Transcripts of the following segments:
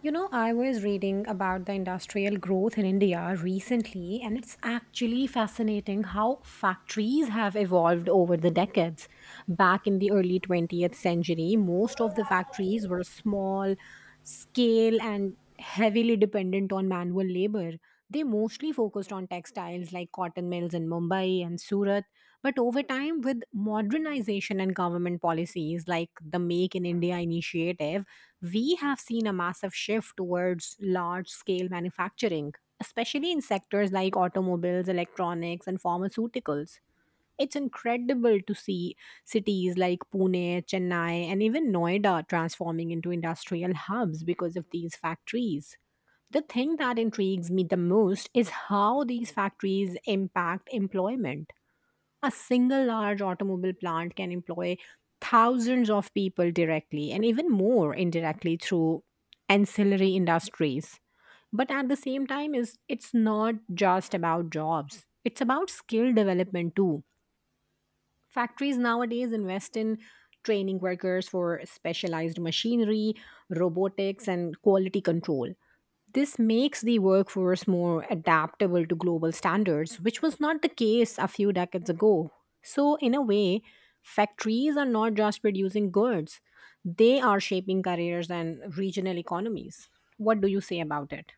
You know, I was reading about the industrial growth in India recently, and it's actually fascinating how factories have evolved over the decades. Back in the early 20th century, most of the factories were small scale and heavily dependent on manual labor. They mostly focused on textiles like cotton mills in Mumbai and Surat. But over time, with modernization and government policies like the Make in India initiative, we have seen a massive shift towards large scale manufacturing, especially in sectors like automobiles, electronics, and pharmaceuticals. It's incredible to see cities like Pune, Chennai, and even Noida transforming into industrial hubs because of these factories. The thing that intrigues me the most is how these factories impact employment a single large automobile plant can employ thousands of people directly and even more indirectly through ancillary industries. But at the same time, is it's not just about jobs. It's about skill development too. Factories nowadays invest in training workers for specialized machinery, robotics, and quality control. This makes the workforce more adaptable to global standards, which was not the case a few decades ago. So, in a way, factories are not just producing goods, they are shaping careers and regional economies. What do you say about it?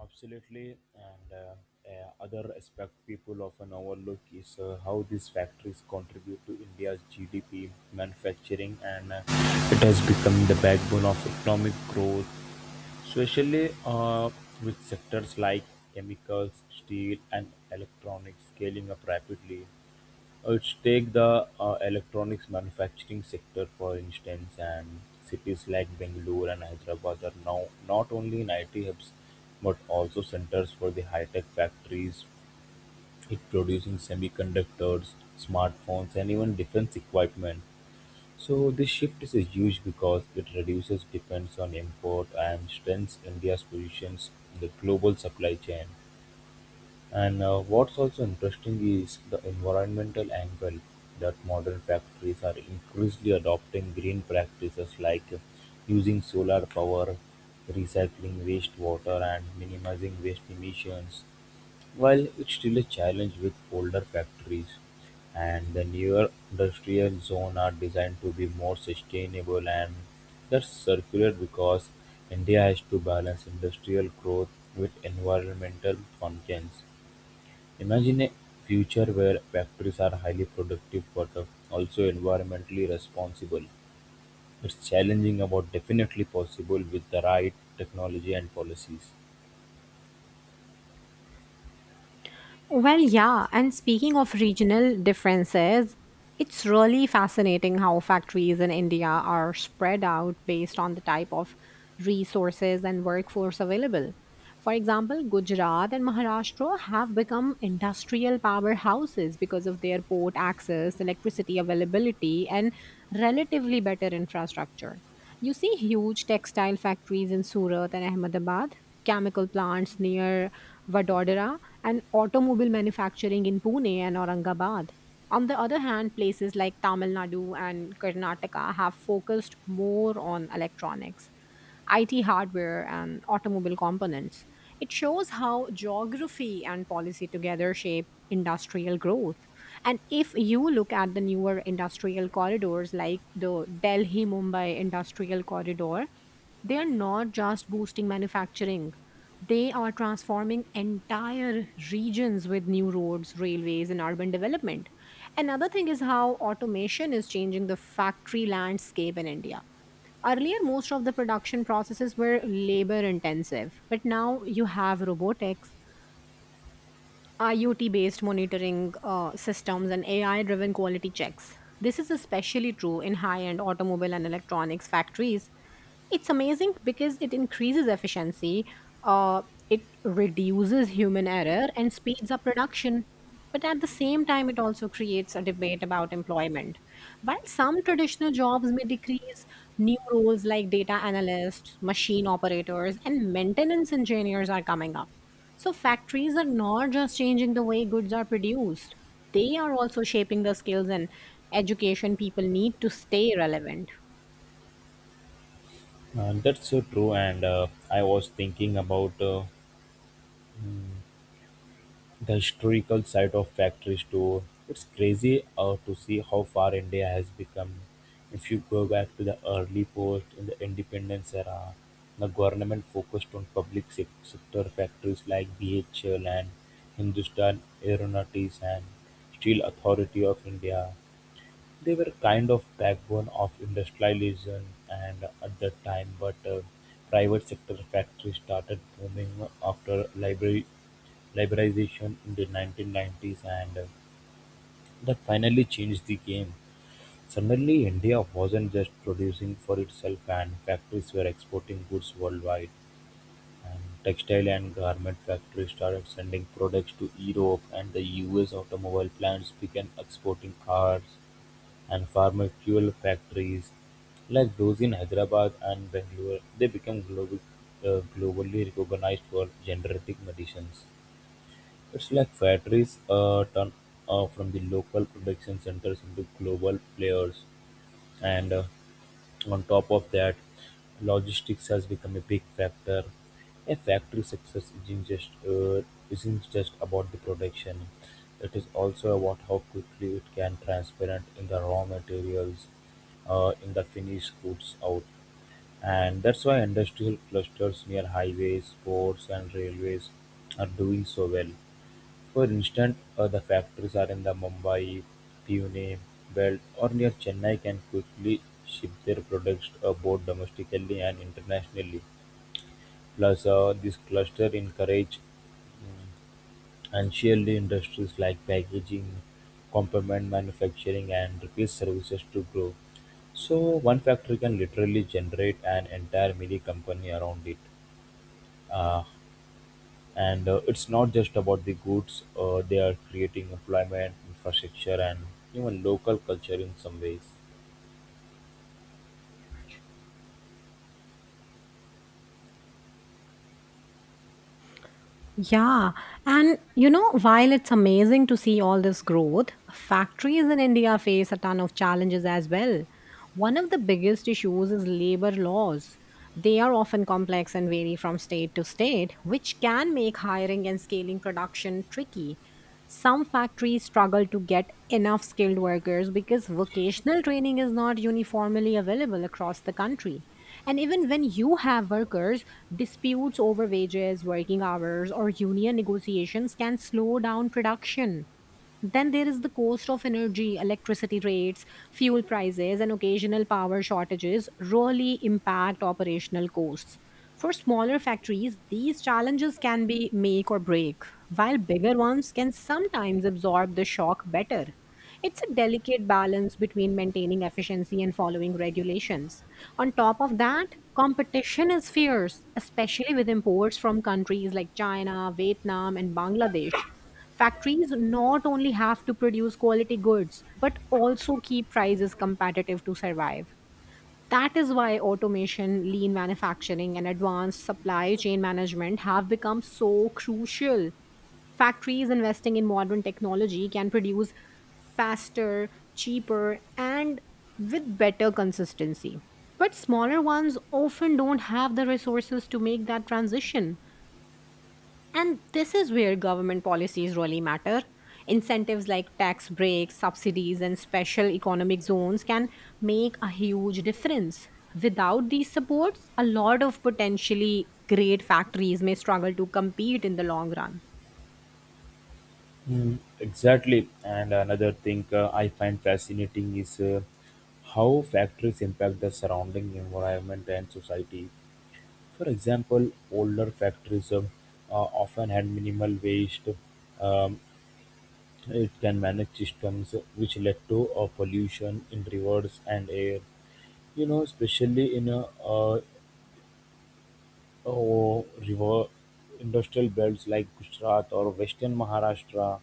Absolutely, and Other aspect people often overlook is how these factories contribute to India's GDP, manufacturing, and It has become the backbone of economic growth, especially with sectors like chemicals, steel, and electronics scaling up rapidly. Let's take the electronics manufacturing sector for instance, and cities like Bangalore and Hyderabad are now not only in IT hubs but also centers for the high-tech factories, it producing semiconductors, smartphones, and even defense equipment. So this shift is huge because it reduces dependence on import and strengthens India's positions in the global supply chain. And what's also interesting is the environmental angle that modern factories are increasingly adopting green practices like using solar power, recycling wastewater, and minimizing waste emissions. While it's still a challenge with older factories, and the newer industrial zone are designed to be more sustainable and that's circular because India has to balance industrial growth with environmental conscience. Imagine a future where factories are highly productive but also environmentally responsible. It's challenging but definitely possible with the right technology and policies. Well, yeah. And speaking of regional differences, it's really fascinating how factories in India are spread out based on the type of resources and workforce available. For example, Gujarat and Maharashtra have become industrial powerhouses because of their port access, electricity availability, and relatively better infrastructure. You see huge textile factories in Surat and Ahmedabad, chemical plants near Vadodara, and automobile manufacturing in Pune and Aurangabad. On the other hand, places like Tamil Nadu and Karnataka have focused more on electronics, IT hardware, and automobile components. It shows how geography and policy together shape industrial growth. And if you look at the newer industrial corridors like the Delhi Mumbai Industrial Corridor, they are not just boosting manufacturing, they are transforming entire regions with new roads, railways, and urban development. Another thing is how automation is changing the factory landscape in India. Earlier, most of the production processes were labor intensive, but now you have robotics, IoT based monitoring systems, and AI driven quality checks. This is especially true in high end automobile and electronics factories. It's amazing because it increases efficiency, uh, it reduces human error and speeds up production. But at the same time, it also creates a debate about employment. While some traditional jobs may decrease, new roles like data analysts, machine operators, and maintenance engineers are coming up. So factories are not just changing the way goods are produced, they are also shaping the skills and education people need to stay relevant. That's so true, and I was thinking about mm, the historical site of factory store. It's crazy to see how far India has become. If you go back to the early post in the independence era, the government focused on public sector factories like BHL and Hindustan Aeronautics and Steel Authority of India. They were kind of backbone of industrialization and at that time, but private sector factories started booming after library liberalisation in 1990s and that finally changed the game. Suddenly India wasn't just producing for itself and factories were exporting goods worldwide, and textile and garment factories started sending products to Europe and the US. Automobile plants began exporting cars, and farmer fuel factories like those in Hyderabad and Bangalore, they became global, globally recognized for generating medicines. It's like factories turn from the local production centers into global players, and on top of that, logistics has become a big factor. A factory success isn't just about the production; it is also about how quickly it can transparent in the raw materials, in the finished goods out, and that's why industrial clusters near highways, ports, and railways are doing so well. For instance, the factories are in the Mumbai-Pune belt or near Chennai can quickly ship their products both domestically and internationally. Plus, this cluster encourages ancillary industries like packaging, component manufacturing, and repeat services to grow. So, one factory can literally generate an entire mini company around it. Uh, And it's not just about the goods, they are creating employment, infrastructure, and even local culture in some ways. Yeah, and you know, while it's amazing to see all this growth, factories in India face a ton of challenges as well. One of the biggest issues is labor laws. They are often complex and vary from state to state, which can make hiring and scaling production tricky. Some factories struggle to get enough skilled workers because vocational training is not uniformly available across the country. And even when you have workers, disputes over wages, working hours, or union negotiations can slow down production. Then there is the cost of energy, electricity rates, fuel prices, and occasional power shortages really impact operational costs. For smaller factories, these challenges can be make or break, while bigger ones can sometimes absorb the shock better. It's a delicate balance between maintaining efficiency and following regulations. On top of that, competition is fierce, especially with imports from countries like China, Vietnam, and Bangladesh. Factories not only have to produce quality goods, but also keep prices competitive to survive. That is why automation, lean manufacturing, and advanced supply chain management have become so crucial. Factories investing in modern technology can produce faster, cheaper, and with better consistency. But smaller ones often don't have the resources to make that transition. And this is where government policies really matter. Incentives like tax breaks, subsidies, and special economic zones can make a huge difference. Without these supports, a lot of potentially great factories may struggle to compete in the long run. Mm. Exactly. And another thing I find fascinating is how factories impact the surrounding environment and society. For example, older factories often had minimal waste. Um, it can manage systems which led to pollution in rivers and air. You know, especially in Oh, river industrial belts like Gujarat or Western Maharashtra.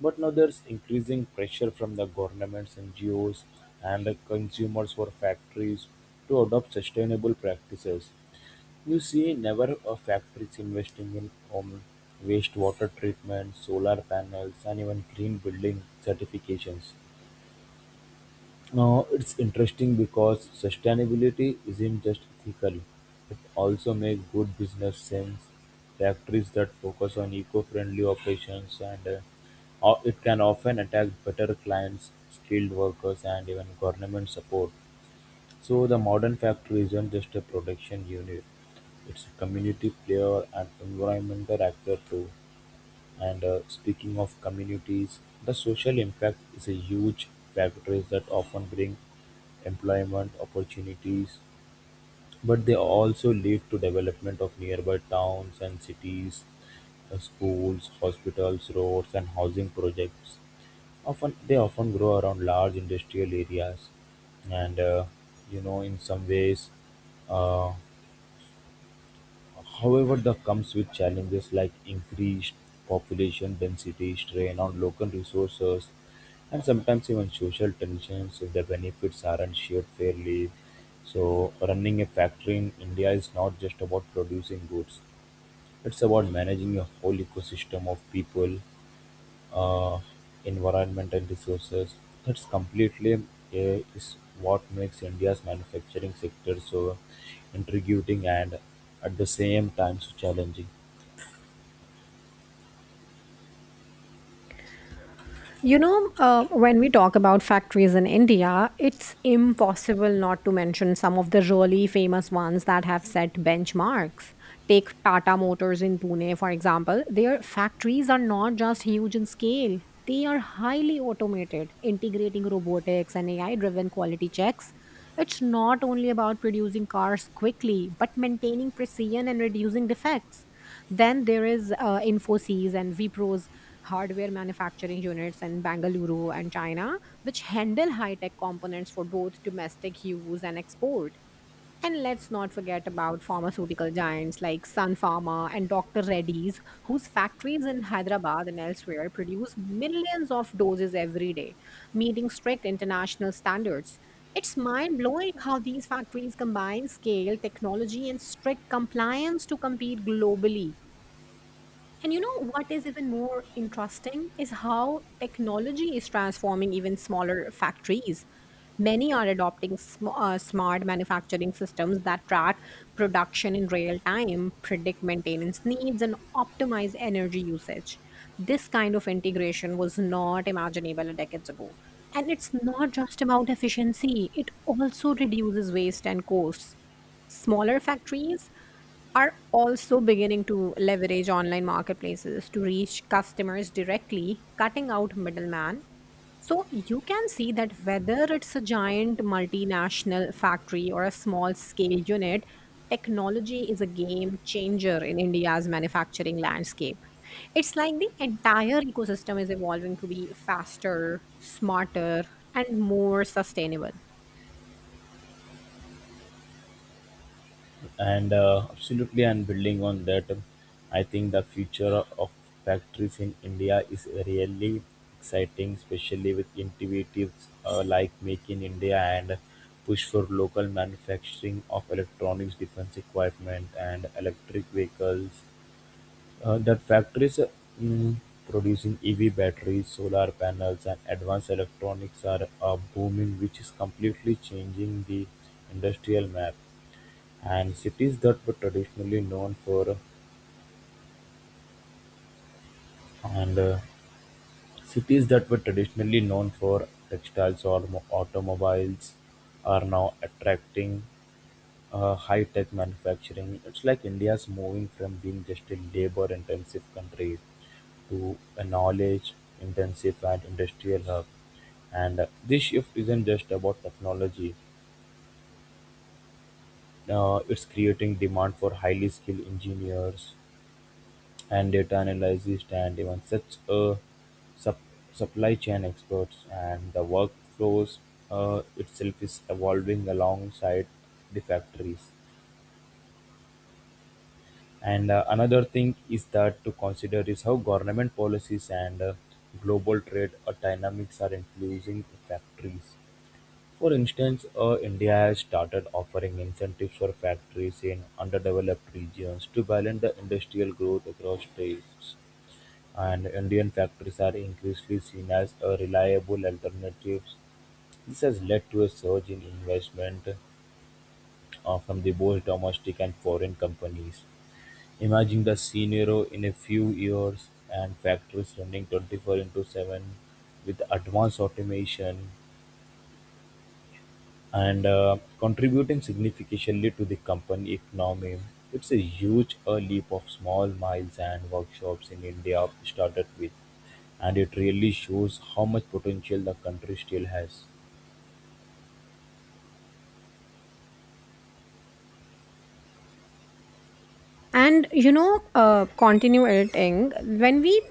But now there's increasing pressure from the governments, NGOs, and the consumers for factories to adopt sustainable practices. You see, never a factory is investing in wastewater treatment, solar panels, and even green building certifications. Now it's interesting because sustainability isn't just ethical, it also makes good business sense. Factories that focus on eco-friendly operations and it can often attract better clients, skilled workers and even government support. So the modern factory isn't just a production unit, it's a community player and environmental actor too. And speaking of communities, the social impact is a huge factor that often bring employment opportunities, but they also lead to development of nearby towns and cities, schools, hospitals, roads, and housing projects. Often grow around large industrial areas, and you know in some ways. Uh, However, that comes with challenges like increased population density, strain on local resources, and sometimes even social tensions if the benefits aren't shared fairly. So, running a factory in India is not just about producing goods, it's about managing a whole ecosystem of people, uh, environment and resources. That's completely Is what makes India's manufacturing sector so intriguing and at the same time so challenging. You know, when we talk about factories in India, it's impossible not to mention some of the really famous ones that have set benchmarks. Take Tata Motors in Pune, for example. Their factories are not just huge in scale, they are highly automated, integrating robotics and AI driven quality checks. It's not only about producing cars quickly, but maintaining precision and reducing defects. Then there is Infosys and Vipro's hardware manufacturing units in Bangalore and China, which handle high tech components for both domestic use and export. And let's not forget about pharmaceutical giants like Sun Pharma and Dr. Reddy's, whose factories in Hyderabad and elsewhere produce millions of doses every day, meeting strict international standards. It's mind blowing how these factories combine scale, technology, and strict compliance to compete globally. And you know what is even more interesting is how technology is transforming even smaller factories. Many are adopting smart manufacturing systems that track production in real time, predict maintenance needs, and optimize energy usage. This kind of integration was not imaginable decades ago. And it's not just about efficiency, it also reduces waste and costs. Smaller factories are also beginning to leverage online marketplaces to reach customers directly, cutting out middleman. So you can see that whether it's a giant multinational factory or a small scale unit, technology is a game changer in India's manufacturing landscape. It's like the entire ecosystem is evolving to be faster, smarter, and more sustainable. And Absolutely, and building on that, I think the future of factories in India is really exciting, especially with initiatives like Make in India and push for local manufacturing of electronics, defense equipment, and electric vehicles. The factories mm, producing EV batteries, solar panels, and advanced electronics are booming, which is completely changing the industrial map. And cities that were traditionally known for and cities that were traditionally known for textiles or automobiles are now attracting high-tech manufacturing. It's like India's moving from being just a labor-intensive country to a knowledge-intensive and industrial hub. And this shift isn't just about technology. It's creating demand for highly skilled engineers and data analysts and even such sup- supply chain experts. And the workflows itself is evolving alongside the factories. And another thing is that to consider is how government policies and global trade dynamics are influencing factories. For instance, India has started offering incentives for factories in underdeveloped regions to balance the industrial growth across states. And Indian factories are increasingly seen as a reliable alternatives. This has led to a surge in investment from the both domestic and foreign companies. Imagine the scenario in a few years and factories running 24 into 7 with advanced automation and contributing significantly to the company economy. It's a huge leap of small miles and workshops in India started with, and it really shows how much potential the country still has. And you know, continue editing. When we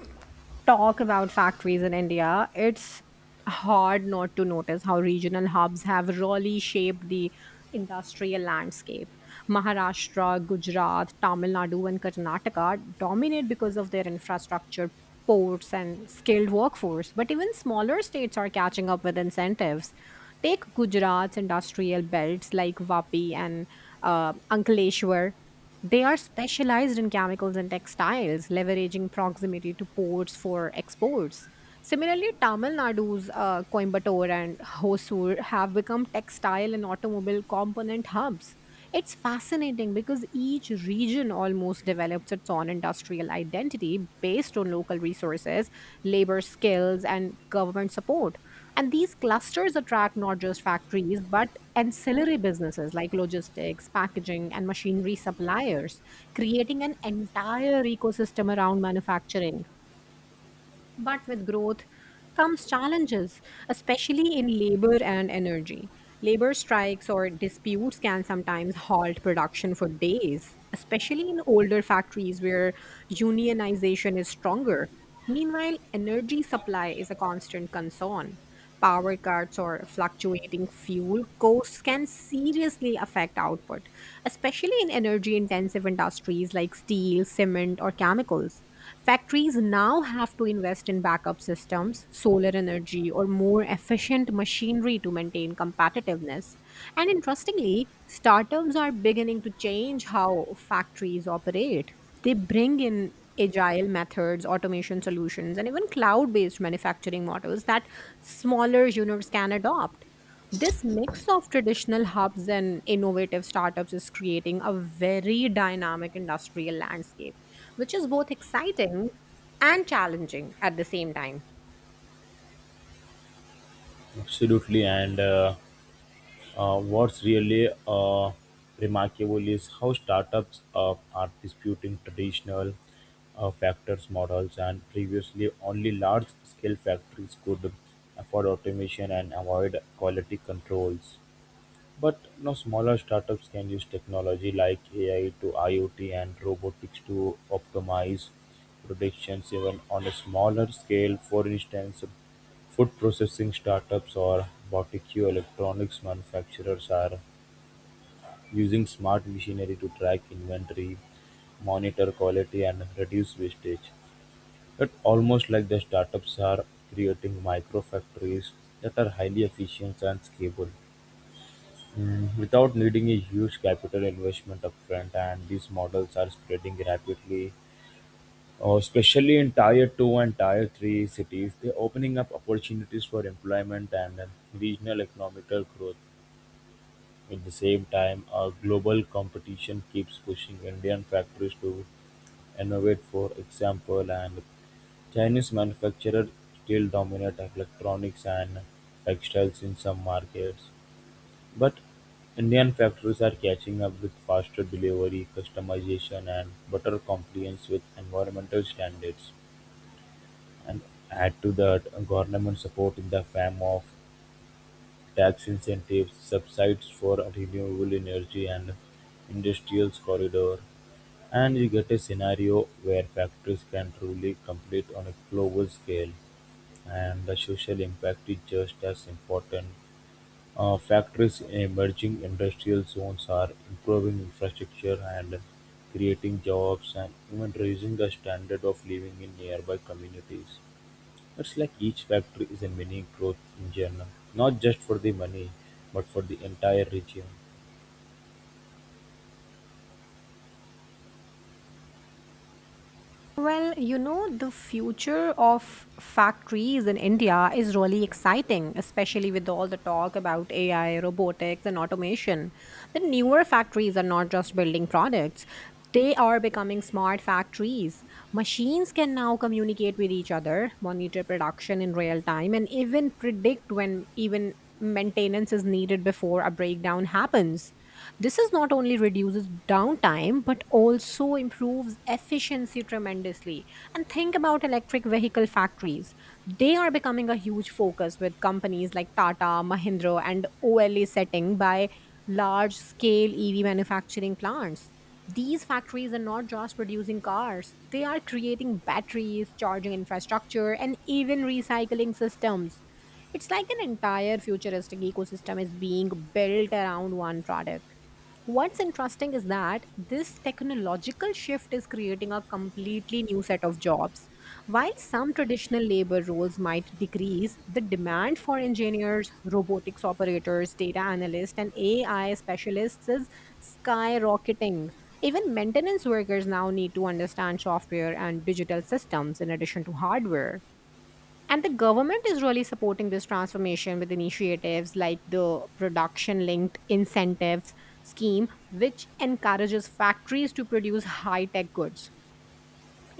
talk about factories in India, it's hard not to notice how regional hubs have really shaped the industrial landscape. Maharashtra, Gujarat, Tamil Nadu, and Karnataka dominate because of their infrastructure, ports, and skilled workforce. But even smaller states are catching up with incentives. Take Gujarat's industrial belts like Vapi and Ankleshwar, they are specialized in chemicals and textiles, leveraging proximity to ports for exports. Similarly, Tamil Nadu's Coimbatore and Hosur have become textile and automobile component hubs. It's fascinating because each region almost develops its own industrial identity based on local resources, labor skills, and government support. And these clusters attract not just factories, but ancillary businesses like logistics, packaging, and machinery suppliers, creating an entire ecosystem around manufacturing. But with growth comes challenges, especially in labor and energy. Labor strikes or disputes can sometimes halt production for days, especially in older factories where unionization is stronger. Meanwhile, energy supply is a constant concern. Power cuts or fluctuating fuel costs can seriously affect output, especially in energy intensive industries like steel, cement, or chemicals. Factories now have to invest in backup systems, solar energy, or more efficient machinery to maintain competitiveness. And interestingly, startups are beginning to change how factories operate. They bring in agile methods, automation solutions, and even cloud based manufacturing models that smaller units can adopt. This mix of traditional hubs and innovative startups is creating a very dynamic industrial landscape, which is both exciting and challenging at the same time. Absolutely, and What's really remarkable is how startups are disputing traditional factors models, and previously only large scale factories could afford automation and avoid quality controls. But now smaller startups can use technology like AI to IoT and robotics to optimize productions even on a smaller scale. For instance, food processing startups or boutique electronics manufacturers are using smart machinery to track inventory, monitor quality, and reduce wastage. It almost like the startups are creating micro factories that are highly efficient and scalable. Mm, without needing a huge capital investment upfront, and these models are spreading rapidly, especially in tier 2 and tier 3 cities. They're opening up opportunities for employment and regional economical growth. At the same time, global competition keeps pushing Indian factories to innovate, for example, and Chinese manufacturers still dominate electronics and textiles in some markets. But Indian factories are catching up with faster delivery, customization and better compliance with environmental standards. And add to that government support in the form of tax incentives, subsidies for renewable energy and industrial corridor. And you get a scenario where factories can truly compete on a global scale, and the social impact is just as important. Factories in emerging industrial zones are improving infrastructure and creating jobs and even raising the standard of living in nearby communities. It's like each factory is a mini growth engine, not just for the money, but for the entire region. Well, you know, the future of factories in India is really exciting, especially with all the talk about AI, robotics, and automation. The newer factories are not just building products, they are becoming smart factories. Machines can now communicate with each other, monitor production in real time, and even predict when even maintenance is needed before a breakdown happens. This is not only reduces downtime but also improves efficiency tremendously. And think about electric vehicle factories. They are becoming a huge focus with companies like Tata, Mahindra, and OLA setting by large scale EV manufacturing plants. These factories are not just producing cars, they are creating batteries, charging infrastructure, and even recycling systems. It's like an entire futuristic ecosystem is being built around one product. What's interesting is that this technological shift is creating a completely new set of jobs. While some traditional labor roles might decrease, the demand for engineers, robotics operators, data analysts, and AI specialists is skyrocketing. Even maintenance workers now need to understand software and digital systems in addition to hardware. And the government is really supporting this transformation with initiatives like the production linked incentives scheme, which encourages factories to produce high tech goods.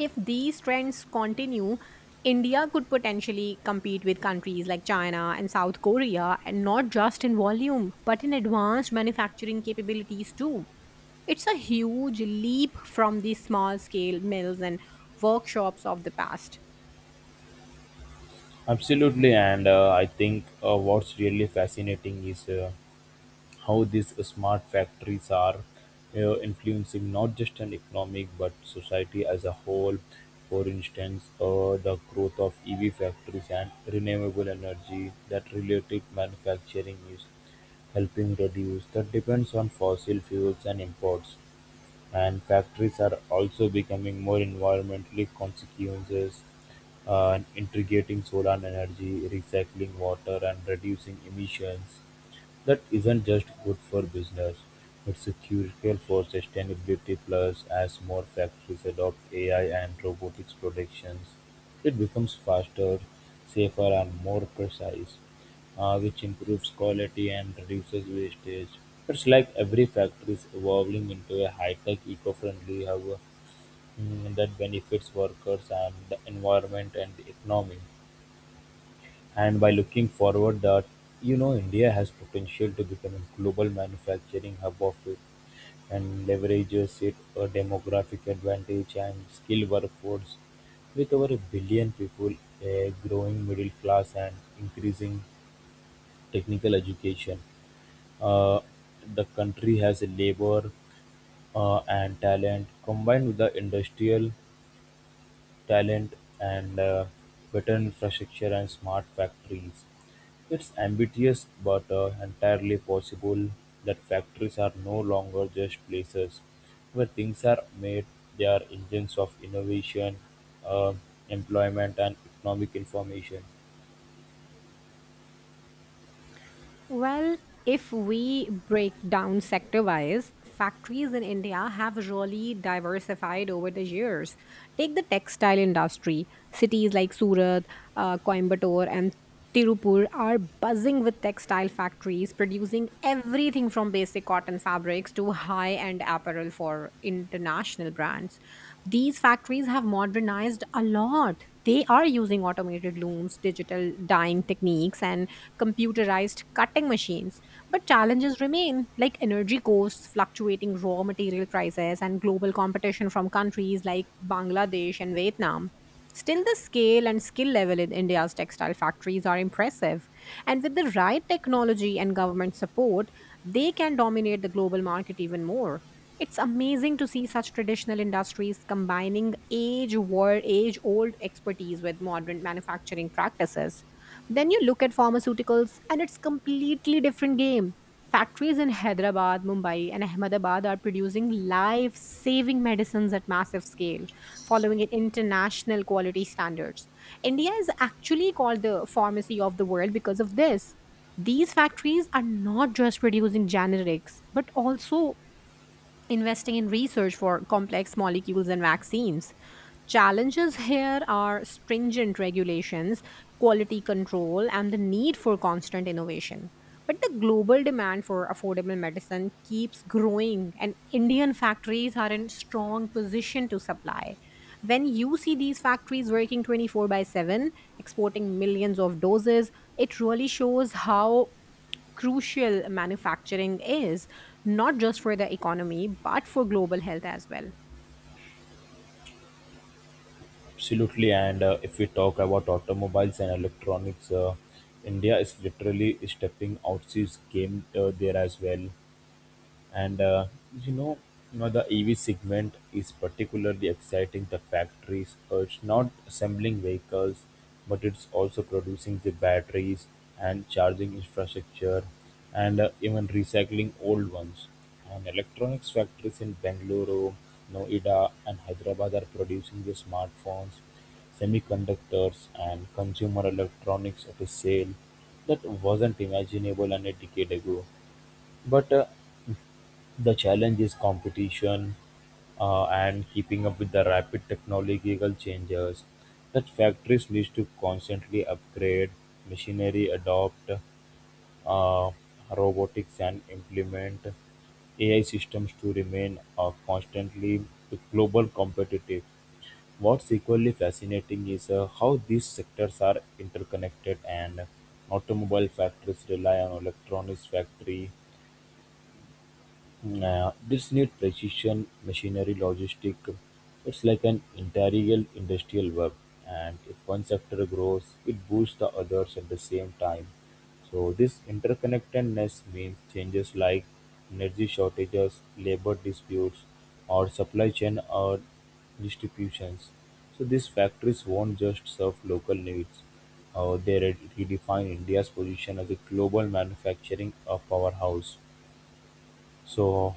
If these trends continue, India could potentially compete with countries like China and South Korea, and not just in volume but in advanced manufacturing capabilities too. It's a huge leap from the small scale mills and workshops of the past. Absolutely, and I think what's really fascinating is how these smart factories are influencing not just an economic but society as a whole. For instance, the growth of EV factories and renewable energy that related manufacturing is helping reduce the depends on fossil fuels and imports. And factories are also becoming more environmentally conscious and integrating solar energy, recycling water, and reducing emissions. That isn't just good for business, it's critical for sustainability plus as more factories adopt AI and robotics productions, it becomes faster, safer and more precise, which improves quality and reduces wastage. It's like every factory is evolving into a high-tech eco-friendly hub, mm, that benefits workers and the environment and the economy. And by looking forward that, you know, India has potential to become a global manufacturing hub of it and leverages it a demographic advantage and skilled workforce with over a billion people, a growing middle class, and increasing technical education. Uh, the country has a labor and talent combined with the industrial talent and better infrastructure and smart factories. It's ambitious but entirely possible that factories are no longer just places where things are made, they are engines of innovation, uh, employment, and economic information. Well, if we break down sector wise, factories in India have really diversified over the years. Take the textile industry. Cities like Surat, Coimbatore, and Tirupur are buzzing with textile factories producing everything from basic cotton fabrics to high end apparel for international brands. These factories have modernized a lot. They are using automated looms, digital dyeing techniques, and computerized cutting machines. But challenges remain, like energy costs, fluctuating raw material prices, and global competition from countries like Bangladesh and Vietnam. Still, the scale and skill level in India's textile factories are impressive. And with the right technology and government support, they can dominate the global market even more. It's amazing to see such traditional industries combining age old expertise with modern manufacturing practices. Then you look at pharmaceuticals and it's completely different game. Factories in Hyderabad, Mumbai, and Ahmedabad are producing life-saving medicines at massive scale, following it international quality standards. India is actually called the pharmacy of the world because of this. These factories are not just producing generics, but also investing in research for complex molecules and vaccines. Challenges here are stringent regulations, quality control, and the need for constant innovation. But the global demand for affordable medicine keeps growing, and Indian factories are in strong position to supply. When you see these factories working 24/7, exporting millions of doses, it really shows how crucial manufacturing is, not just for the economy, but for global health as well. Absolutely, and if we talk about automobiles and electronics, India is literally stepping out its game there as well. And you know, you know the EV segment is particularly exciting. The factories are it's not assembling vehicles, but it's also producing the batteries and charging infrastructure, and even recycling old ones. And electronics factories in Bangalore, Noida, and Hyderabad are producing the smartphones, semiconductors, and consumer electronics at a sale that wasn't imaginable an a decade ago. But the challenge is competition and keeping up with the rapid technological changes that factories need to constantly upgrade machinery, adopt uh, robotics, and implement AI systems to remain constantly global competitive. What's equally fascinating is how these sectors are interconnected and automobile factories rely on electronics factory. This need precision machinery logistic. It's like an integral industrial web, and if one sector grows, it boosts the others at the same time. So this interconnectedness means changes like energy shortages, labor disputes, or supply chain or distributions. So these factories won't just serve local needs. They redefine India's position as a global manufacturing powerhouse. So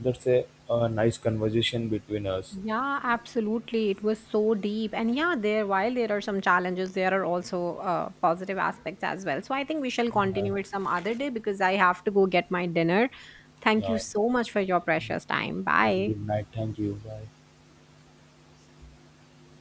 that's a nice conversation between us. Yeah, absolutely. It was so deep. And yeah, there while there are some challenges, there are also positive aspects as well. So I think we shall Uh, continue it some other day because I have to go get my dinner. Thank you yeah. so much for your precious time. Bye. Good night. Thank you. Bye.